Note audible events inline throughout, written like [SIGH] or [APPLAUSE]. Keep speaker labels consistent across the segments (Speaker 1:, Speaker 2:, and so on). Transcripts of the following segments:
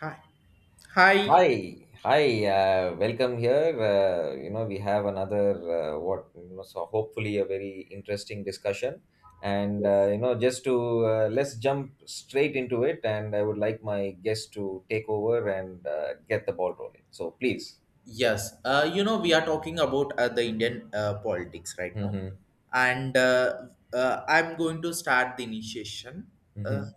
Speaker 1: Hi. Hi.
Speaker 2: Hi, hi. Welcome here. We have another what you know, so hopefully a very interesting discussion. And you know, just to Let's jump straight into it. And I would like my guest to take over and get the ball rolling. So please.
Speaker 1: Yes. We are talking about the Indian politics right now.
Speaker 2: Mm-hmm.
Speaker 1: And I'm going to start the initiation. Uh,
Speaker 2: Mm-hmm.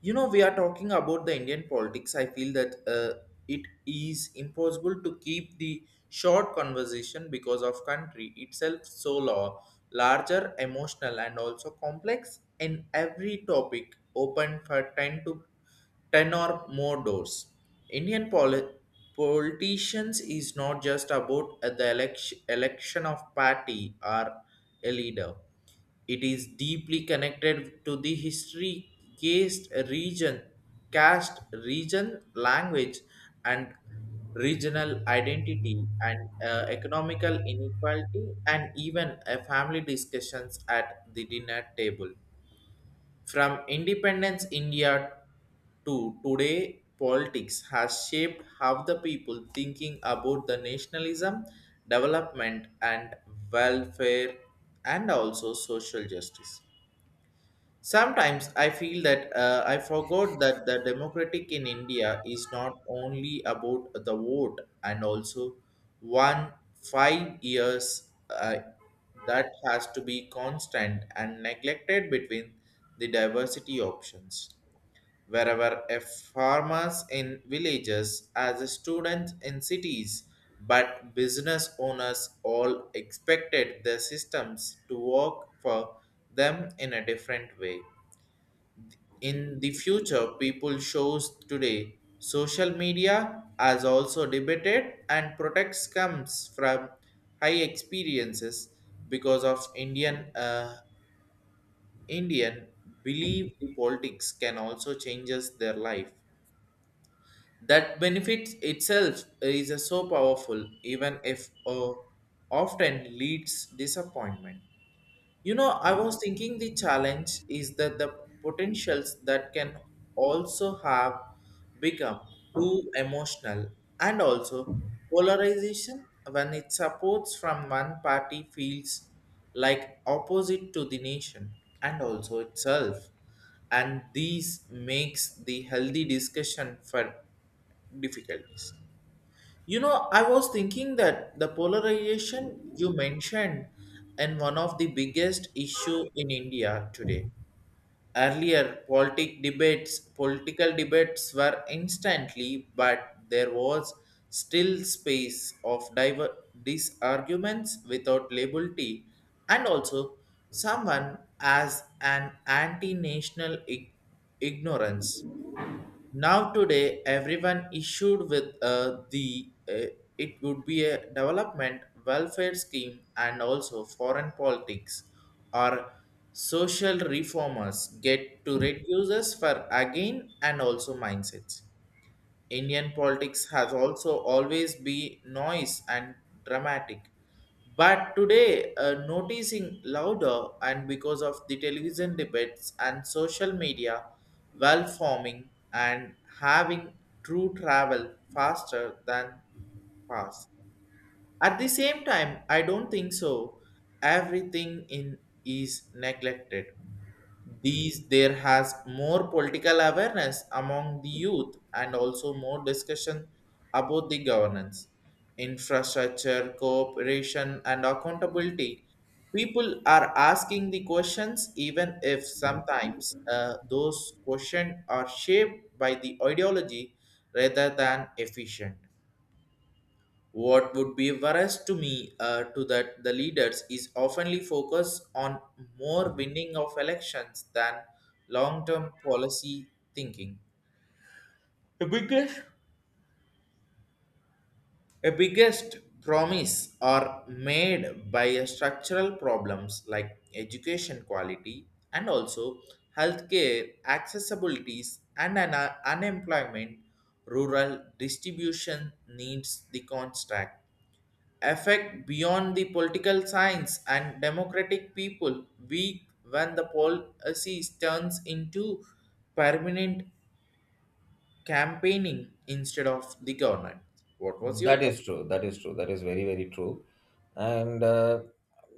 Speaker 1: we are talking about the Indian politics. I feel that it is impossible to keep the short conversation because of country itself so law, larger, emotional, and also complex in every topic open for 10 to 10 or more doors. Indian politicians is not just about the election of party or a leader. It is deeply connected to the history, caste, region, caste, region, language, and regional identity and economical inequality and even a family discussions at the dinner table from independence India to today, politics has shaped how the people thinking about the nationalism, development and welfare and also social justice. Sometimes I feel that I forgot that the democratic in India is not only about the vote and also one 5 years that has to be constant and neglected between the diversity options. Wherever a farmers in villages as a student in cities, but business owners all expected their systems to work for them in a different way in the future people shows today social media has also debated and protects comes from high experiences because of Indian believe the politics can also changes their life that benefits itself is so powerful even if often leads disappointment. I was thinking the challenge is that the potentials that can also have become too emotional and also polarization when it supports from one party feels like opposite to the nation and also itself, and these makes the healthy discussion for difficulties. I was thinking that the polarization you mentioned and one of the biggest issue in India today. Earlier, political debates were instantly, but there was still space of these arguments without labelty, and also someone as an anti-national ignorance now today, everyone issued with the it would be a development welfare scheme and also foreign politics or social reformers get to reduce us for again and also mindsets. Indian politics has also always been noise and dramatic. But today, noticing louder and because of the television debates and social media, well forming and having true travel faster than fast. At the same time, I don't think so. Everything in is neglected these there has more political awareness among the youth and also more discussion about the governance infrastructure cooperation and accountability. People are asking the questions even if sometimes those questions are shaped by the ideology rather than efficient. What would be worse to me to that the leaders is oftenly focused on more winning of elections than long-term policy thinking. The biggest A biggest promise are made by a structural problems like education quality and also healthcare accessibilities and an unemployment rural distribution needs the contract affect beyond the political science and democratic people weak when the policy turns into permanent campaigning instead of the government. What was your
Speaker 2: That
Speaker 1: thought?
Speaker 2: is true. That is true. That is very, very true. And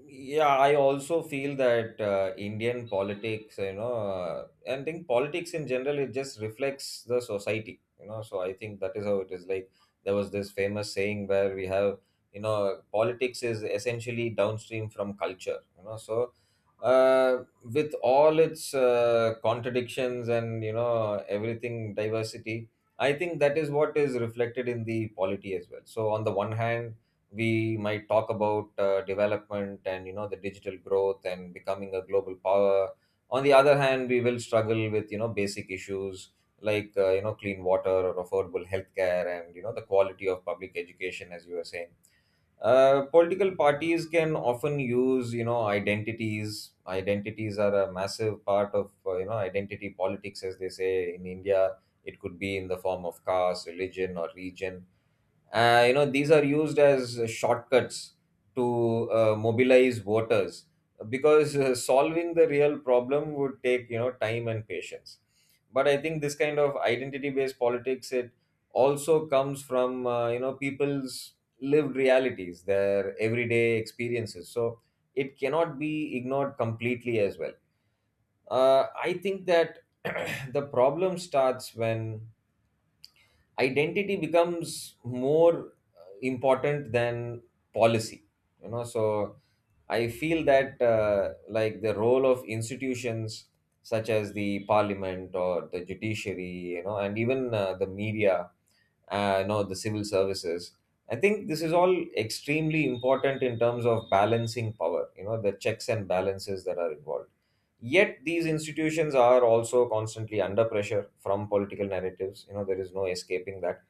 Speaker 2: Yeah, I also feel that Indian politics, and think politics in general, it just reflects the society, you know. So I think that is how it is. Like there was this famous saying where we have, you know, politics is essentially downstream from culture, you know. So uh, with all its contradictions and, you know, everything, diversity. I think that is what is reflected in the polity as well. So on the one hand, we might talk about development and, you know, the digital growth and becoming a global power. On the other hand, we will struggle with, you know, basic issues like you know, clean water or affordable healthcare and, you know, the quality of public education, as you were saying. Political parties can often use, you know, identities. Are a massive part of you know, identity politics, as they say in India. It could be in the form of caste, religion, or region. You know, these are used as shortcuts to mobilize voters, because solving the real problem would take, you know, time and patience. But I think this kind of identity-based politics, it also comes from you know, people's lived realities, their everyday experiences. So it cannot be ignored completely as well. I think that [CLEARS THROAT] the problem starts when identity becomes more important than policy, you know. So I feel that like the role of institutions such as the parliament or the judiciary, you know, and even the media, you know, the civil services. I think this is all extremely important in terms of balancing power, you know, the checks and balances that are involved. Yet these institutions are also constantly under pressure from political narratives, you know, there is no escaping that.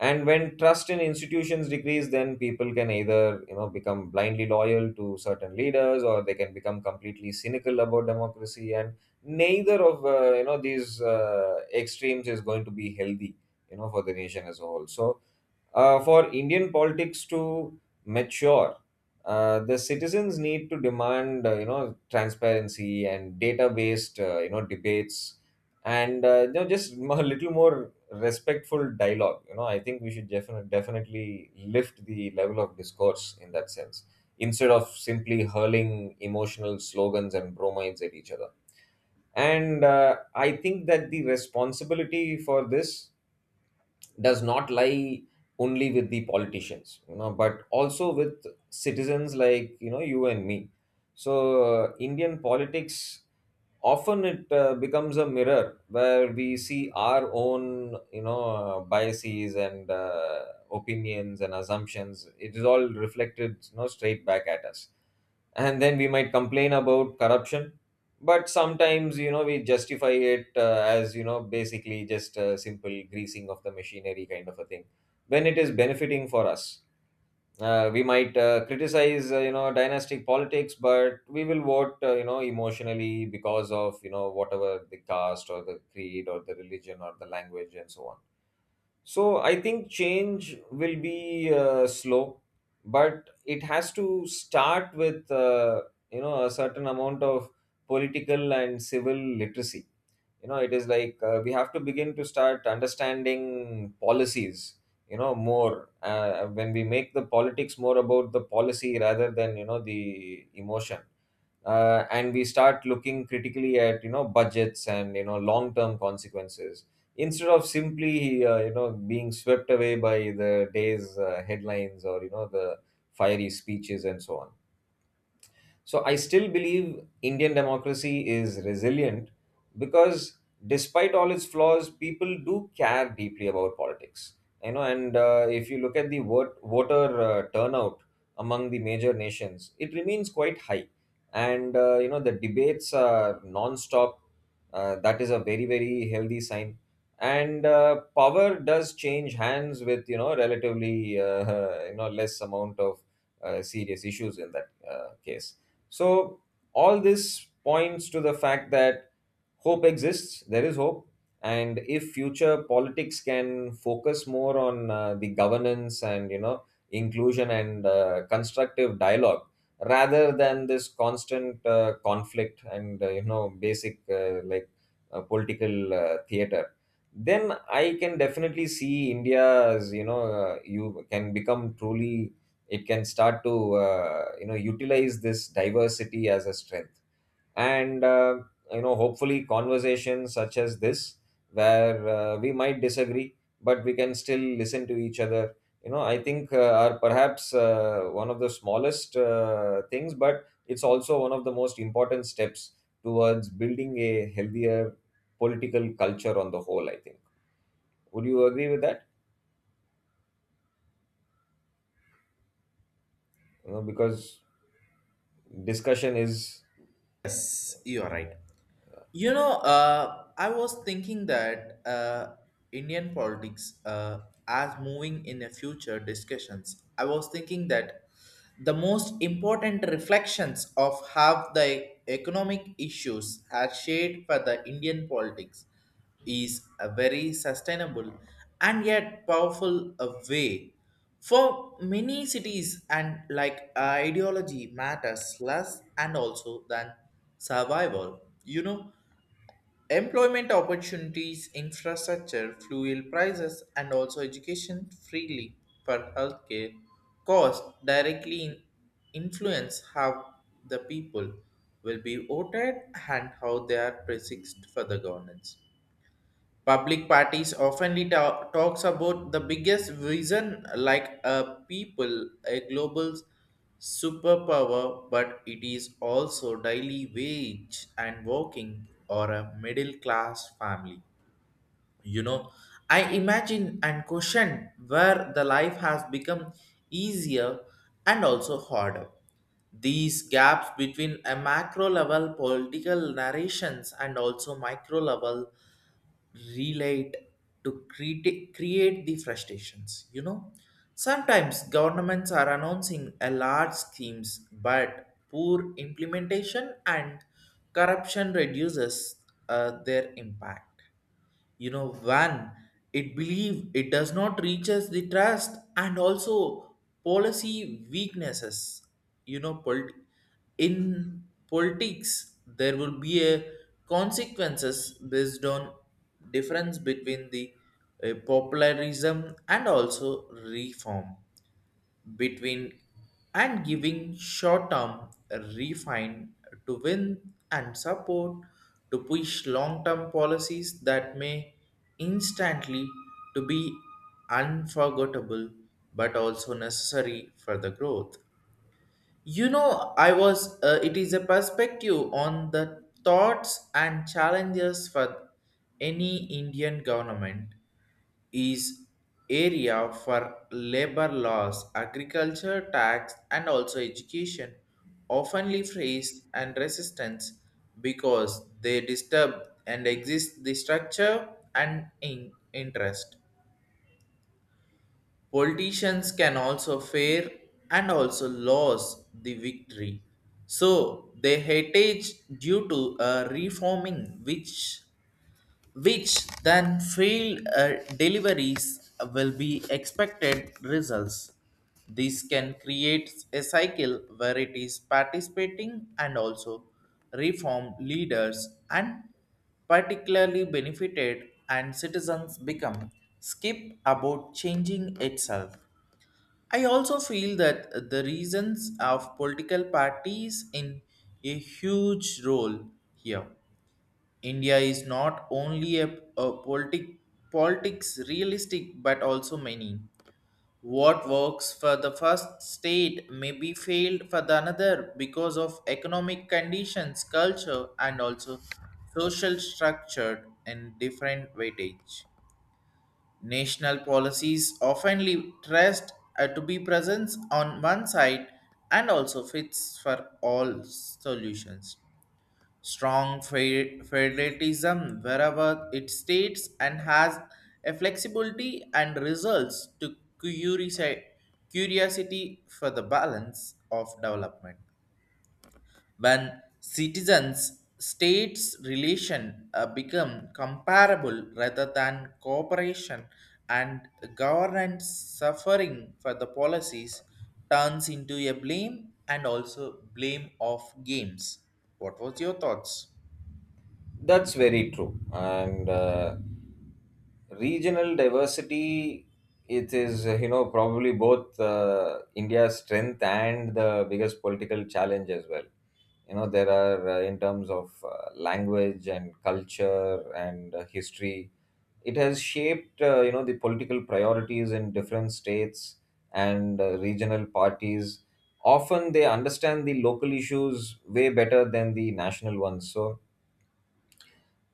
Speaker 2: And when trust in institutions decrease, then people can either, you know, become blindly loyal to certain leaders, or they can become completely cynical about democracy, and neither of you know, these extremes is going to be healthy, you know, for the nation as a whole. So for Indian politics to mature, the citizens need to demand, you know, transparency and data-based, you know, debates, and you know, just [LAUGHS] a little more respectful dialogue. You know, I think we should definitely lift the level of discourse in that sense, instead of simply hurling emotional slogans and bromides at each other. And I think that the responsibility for this does not lie only with the politicians, you know, but also with citizens like, you know, you and me. So Indian politics, often it becomes a mirror where we see our own, you know, biases and opinions and assumptions. It is all reflected, you know, straight back at us. And then we might complain about corruption, but sometimes, you know, we justify it as, you know, basically just a simple greasing of the machinery kind of a thing, when it is benefiting for us. We might criticize you know, dynastic politics, but we will vote you know, emotionally, because of, you know, whatever the caste or the creed or the religion or the language and so on. So I think change will be slow, but it has to start with you know, a certain amount of political and civil literacy. You know, it is like we have to begin to start understanding policies. You know, more when we make the politics more about the policy rather than, you know, the emotion, and we start looking critically at, you know, budgets and, you know, long term consequences, instead of simply you know, being swept away by the day's headlines, or, you know, the fiery speeches and so on. So I still believe Indian democracy is resilient, because despite all its flaws, people do care deeply about politics. You know, and if you look at the voter turnout among the major nations, it remains quite high. And you know, the debates are non-stop. That is a very, very healthy sign. And power does change hands with, you know, relatively [LAUGHS] you know, less amount of serious issues in that case. So all this points to the fact that hope exists. There is hope. And if future politics can focus more on the governance and, you know, inclusion and constructive dialogue, rather than this constant conflict and you know, basic like political theater, then I can definitely see india as you know you can become truly It can start to you know, utilize this diversity as a strength. And you know, hopefully conversations such as this, where we might disagree, but we can still listen to each other. You know, I think are perhaps one of the smallest things, but it's also one of the most important steps towards building a healthier political culture on the whole, I think. Would you agree with that? You know, because discussion is.
Speaker 1: Yes, you are right. I was thinking that Indian politics as moving in a future discussions. I was thinking that the most important reflections of how the economic issues are shaped for the Indian politics is a very sustainable and yet powerful way. For many cities and like ideology matters less and also than survival. Employment opportunities, infrastructure, fuel prices, and also education freely for healthcare costs directly influence how the people will be voted and how they are perceived for the governance. Public parties oftenly talks about the biggest vision like a people, a global superpower, but it is also daily wage and working or a middle class family. You know, I imagine and question where the life has become easier and also harder. These gaps between a macro level political narrations and also micro level relate to create the frustrations. Sometimes governments are announcing a large schemes but poor implementation and corruption reduces their impact. When it believe it does not reaches the trust and also policy weaknesses. you know polit- in politics there will be a consequences based on difference between the popularism and also reform between and giving short-term refine to win and support to push long-term policies that may instantly to be unforgettable but also necessary for the growth. It is a perspective on the thoughts and challenges for any Indian government is area for labor laws, agriculture, tax, and also education, oftenly faced and resistance because they disturb and exist the structure and in interest. Politicians can also fear and also lose the victory. So they heritage due to a reforming which then failed deliveries will be expected results. This can create a cycle where it is participating and also reform leaders and particularly benefited and citizens become skip about changing itself. I also feel that the reasons of political parties in a huge role here. India is not only a politics realistic but also many. What works for the first state may be failed for the another because of economic conditions, culture, and also social structure and different weightage. National policies often trust to be present on one side and also fits for all solutions strong federalism wherever it states and has a flexibility and results to curiosi- curiosity for the balance of development. When citizens states relation become comparable rather than cooperation and governance suffering for the policies turns into a blame and also blame of games. What was your thoughts?
Speaker 2: That's very true. And regional diversity, it is you know, probably both India's strength and the biggest political challenge as well. You know, there are in terms of language and culture and history, it has shaped you know, the political priorities in different states. And regional parties, often they understand the local issues way better than the national ones. So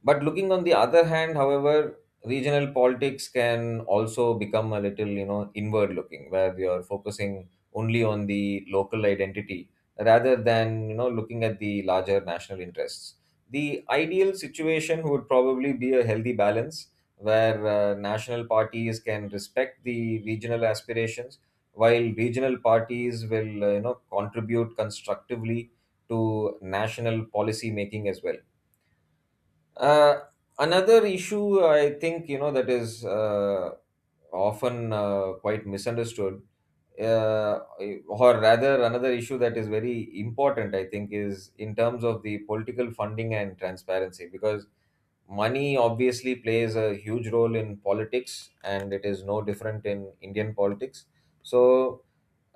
Speaker 2: but looking on the other hand, however, regional politics can also become a little, you know, inward looking, where you're focusing only on the local identity rather than, you know, looking at the larger national interests. The ideal situation would probably be a healthy balance, where national parties can respect the regional aspirations, while regional parties will, you know, contribute constructively to national policy making as well. uh, Another issue I think, you know, that is often quite misunderstood, uh, or rather another issue that is very important I think, is in terms of the political funding and transparency, because money obviously plays a huge role in politics, and it is no different in Indian politics. So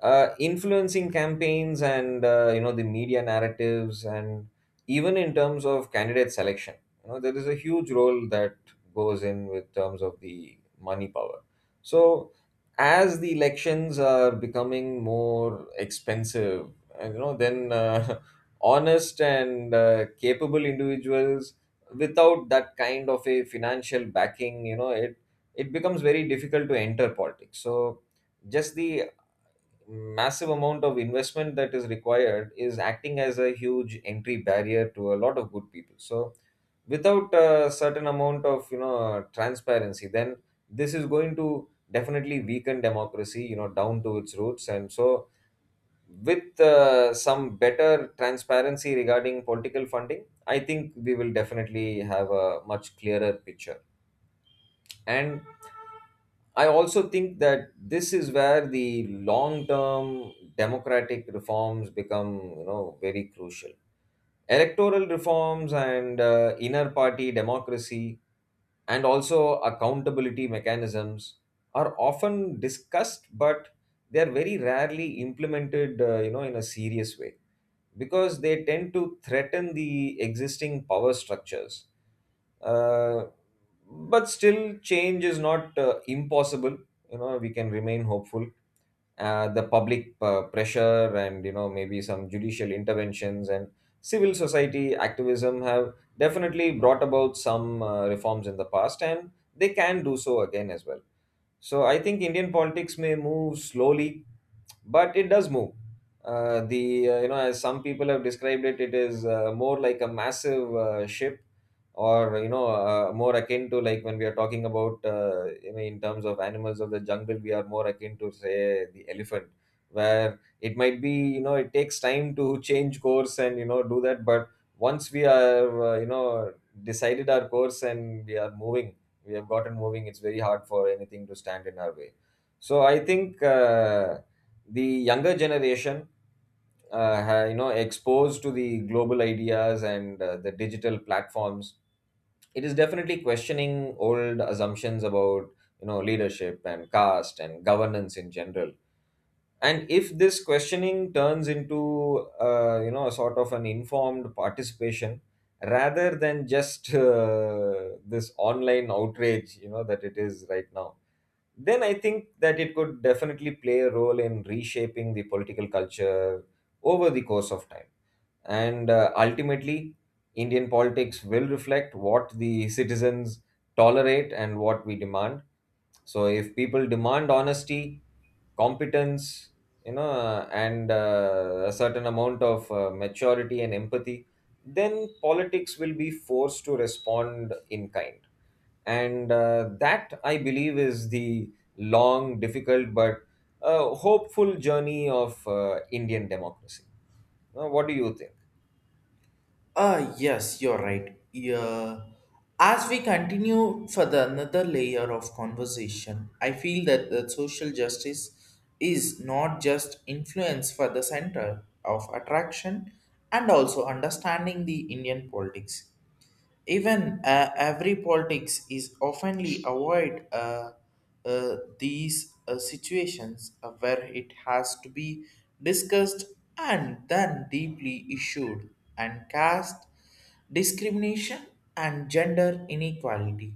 Speaker 2: influencing campaigns and you know, the media narratives, and even in terms of candidate selection, you know, there is a huge role that goes in with terms of the money power. So as the elections are becoming more expensive, and you know, then [LAUGHS] honest and capable individuals, without that kind of a financial backing, you know, it becomes very difficult to enter politics. So just the massive amount of investment that is required is acting as a huge entry barrier to a lot of good people. So without a certain amount of, you know, transparency, then this is going to definitely weaken democracy, you know, down to its roots. And so with some better transparency regarding political funding, I think we will definitely have a much clearer picture. And I also think that this is where the long-term democratic reforms become, you know, very crucial. Electoral reforms and inner party democracy and also accountability mechanisms are often discussed, but they are very rarely implemented, you know, in a serious way, because they tend to threaten the existing power structures. uh, but still, change is not impossible. You know, we can remain hopeful. The public pressure, and you know, maybe some judicial interventions and civil society activism have definitely brought about some reforms in the past, and they can do so again as well. So I think Indian politics may move slowly, but it does move. The as some people have described it, it is more like a massive ship, or more akin to, like, when we are talking about in terms of animals of the jungle, we are more akin to, say, the elephant, where it might be it takes time to [LAUGHS] change course and do that, but once we are decided our course and we are moving we have gotten moving. It's very hard for anything to stand in our way. So I think the younger generation, exposed to the global ideas and the digital platforms, it is definitely questioning old assumptions about leadership and caste and governance in general. And if this questioning turns into a sort of an informed participation rather than just this online outrage that it is right now, then I think that it could definitely play a role in reshaping the political culture over the course of time. And ultimately, Indian politics will reflect what the citizens tolerate and what we demand. So if people demand honesty, competence, and a certain amount of maturity and empathy, then politics will be forced to respond in kind. And that, I believe, is the long, difficult, but hopeful journey of Indian democracy. What do you think?
Speaker 1: Yes, you're right. Yeah. As we continue for the another layer of conversation, I feel that the social justice is not just influence for the center of attraction and also understanding the Indian politics. Even every politics is oftenly avoid these situations where it has to be discussed and then deeply issued and cast discrimination and gender inequality.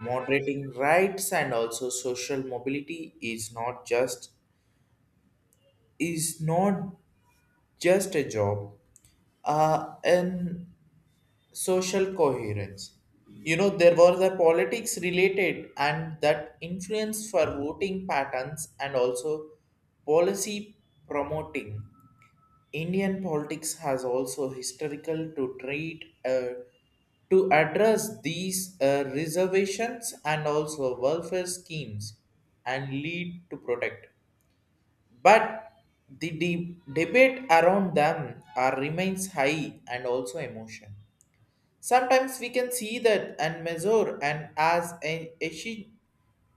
Speaker 1: Moderating rights and also social mobility is not just a job an social coherence. There was a politics related and that influence for voting patterns and also policy promoting. Indian politics has also historical to treat to address these reservations and also welfare schemes and lead to protect. But the debate around them are remains high and also emotion. Sometimes we can see that and measure and as an essen-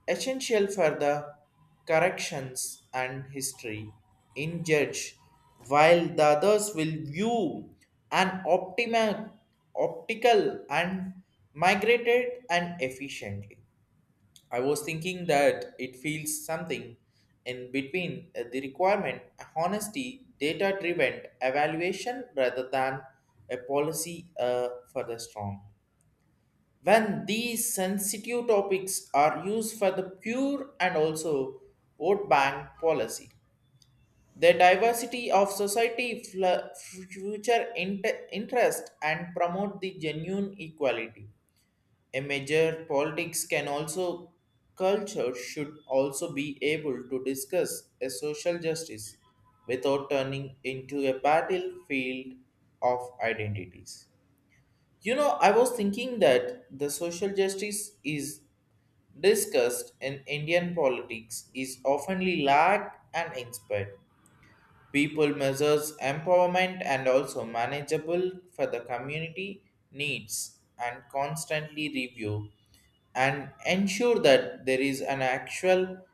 Speaker 1: essential for the corrections and history in judge, while the others will view an optical and migrated and efficiently. I was thinking that it feels something in between the requirement, honesty, data driven evaluation rather than a policy for the strong. When these sensitive topics are used for the pure and also vote bank policy, the diversity of society, future interest, and promote the genuine equality a major politics can also culture should also be able to discuss a social justice without turning into a battlefield of identities. I was thinking that the social justice is discussed in Indian politics is oftenly lacked and inspired. People measures empowerment and also manageable for the community needs and constantly review and ensure that there is an actual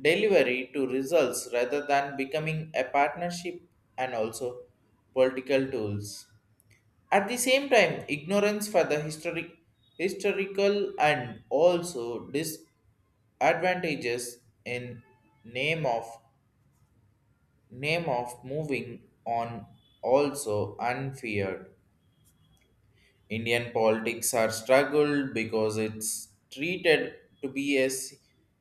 Speaker 1: delivery to results rather than becoming a partnership and also political tools. At the same time, ignorance for the historical and also disadvantages in name of name of moving on also unfeared. Indian politics are struggled because it's treated to be a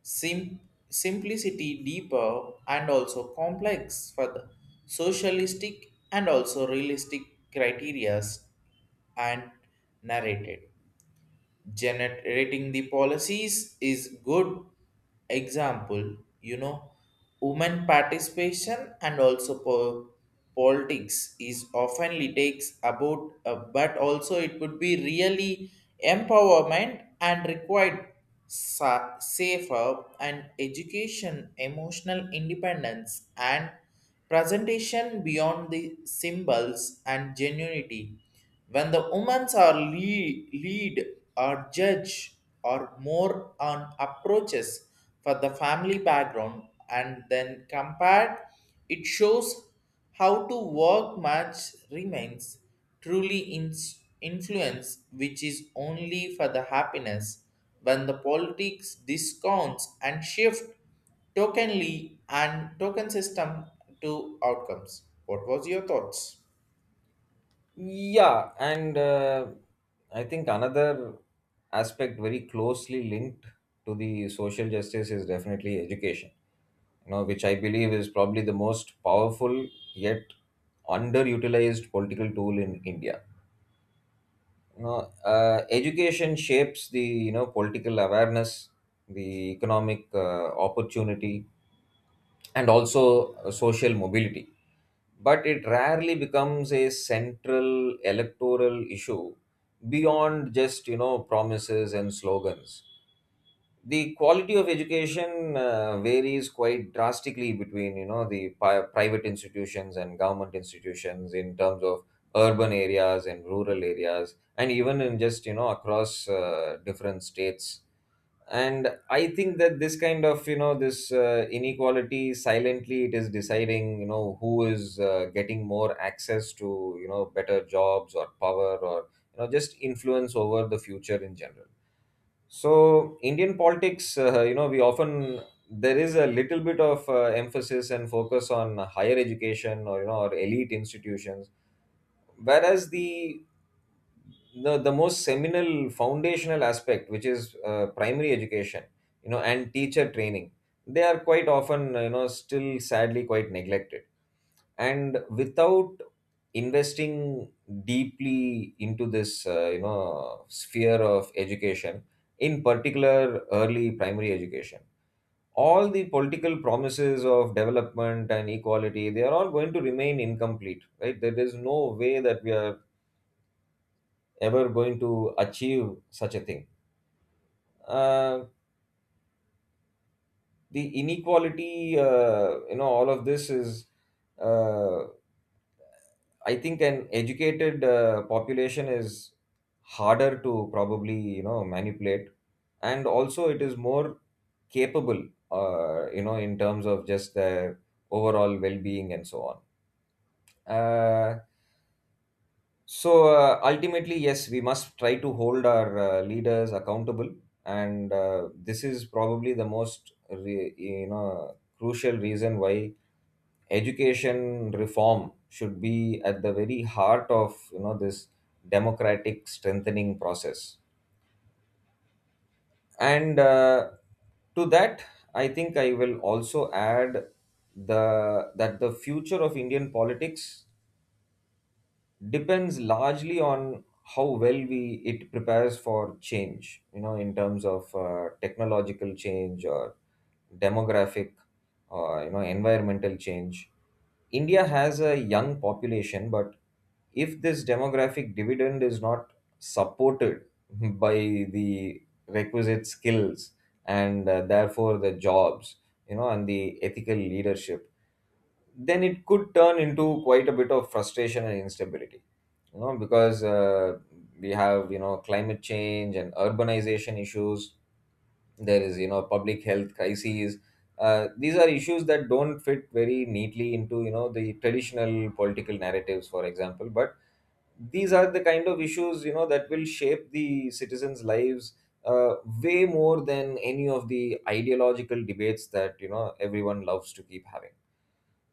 Speaker 1: sim- simplicity deeper and also complex for the socialistic and also realistic criterias and narrated generating the policies is good example. Women participation and also politics is oftenly takes about but also it would be really empowerment and required safer and education emotional independence and presentation beyond the symbols and genuinity. When the women's are lead or judge or more on approaches for the family background and then compared, it shows how to work much remains truly influence which is only for the happiness when the politics discounts and shift tokenly and token system to outcomes. What was your thoughts?
Speaker 2: Yeah, and I think another aspect very closely linked to the social justice is definitely education, which I believe is probably the most powerful yet underutilized political tool in India. Education shapes the political awareness, the economic opportunity, and also social mobility, but it rarely becomes a central electoral issue beyond just promises and slogans. The quality of education varies quite drastically between private institutions and government institutions, in terms of urban areas and rural areas, and even in just across different states. And I think that this kind of you know this inequality silently, it is deciding who is getting more access to better jobs or power or just influence over the future in general. So Indian politics, we often there is a little bit of emphasis and focus on higher education or elite institutions, whereas the most seminal foundational aspect, which is primary education, and teacher training, they are quite often, still sadly quite neglected. And without investing deeply into this sphere of education, in particular early primary education, all the political promises of development and equality, they are all going to remain incomplete. Right, there is no way that we are ever going to achieve such a thing. Uh, the inequality, all of this is, uh, I think, an educated population is harder to probably, manipulate, and also it is more capable, in terms of just their overall well-being and so on. So ultimately, yes, we must try to hold our leaders accountable, and this is probably the most crucial reason why education reform should be at the very heart of this democratic strengthening process. And to that, I think I will also add the that the future of Indian politics depends largely on how well we it prepares for change, in terms of technological change or demographic or environmental change. India has a young population, but if this demographic dividend is not supported [LAUGHS] by the requisite skills and therefore the jobs, and the ethical leadership, then it could turn into quite a bit of frustration and instability. You know, because we have, climate change and urbanization issues, there is, public health crises. These are issues that don't fit very neatly into the traditional political narratives, for example, but these are the kind of issues, that will shape the citizens lives uh, way more than any of the ideological debates that, everyone loves to keep having.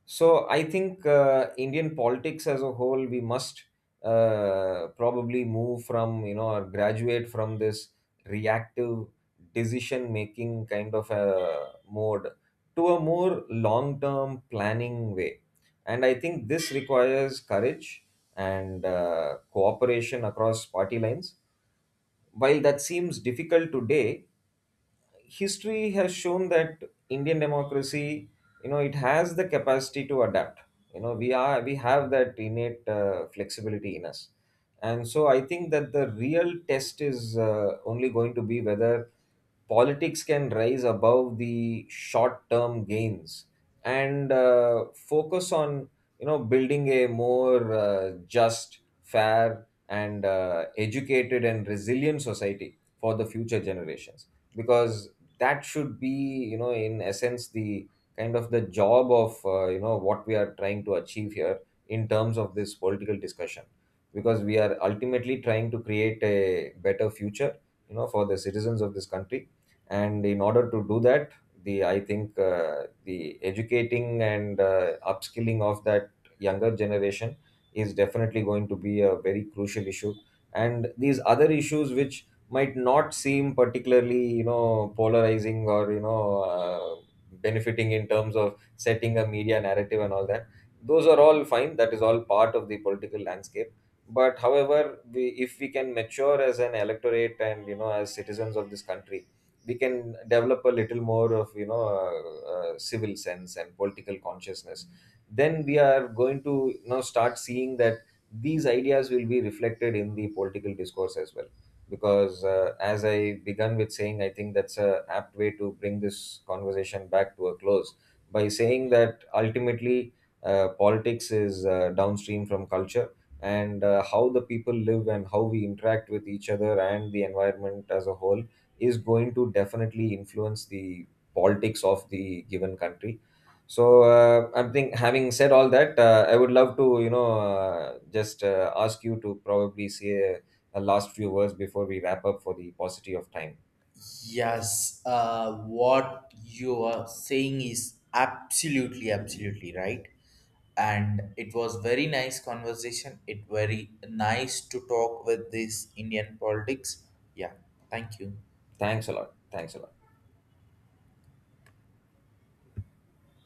Speaker 2: So I think Indian politics as a whole, we must probably move from, or graduate from, this reactive decision making kind of a mode to a more long term planning way. And I think this requires courage and cooperation across party lines. While that seems difficult today, history has shown that Indian democracy, it has the capacity to adapt. We have that innate flexibility in us, and so I think that the real test is only going to be whether politics can rise above the short term gains and focus on building a more just, fair, and educated and resilient society for the future generations. Because that should be, in essence, the kind of the job of what we are trying to achieve here in terms of this political discussion, because we are ultimately trying to create a better future for the citizens of this country. And in order to do that, the I think the educating and upskilling of that younger generation is definitely going to be a very crucial issue. And these other issues, which might not seem particularly polarizing or benefiting in terms of setting a media narrative and all that, those are all fine, that is all part of the political landscape. But however we, if we can mature as an electorate and, as citizens of this country, we can develop a little more of civil sense and political consciousness, then we are going to, start seeing that these ideas will be reflected in the political discourse as well. Because as I began with saying, I think that's a apt way to bring this conversation back to a close, by saying that ultimately politics is downstream from culture, and how the people live and how we interact with each other and the environment as a whole is going to definitely influence the politics of the given country. So I think having said all that, I would love to, just ask you to probably say a last few words before we wrap up for the paucity of time.
Speaker 1: Yes, what you are saying is absolutely, absolutely right. And it was very nice conversation. It very nice to talk with this Indian politics. Yeah, thank you.
Speaker 2: Thanks a lot. Thanks a lot.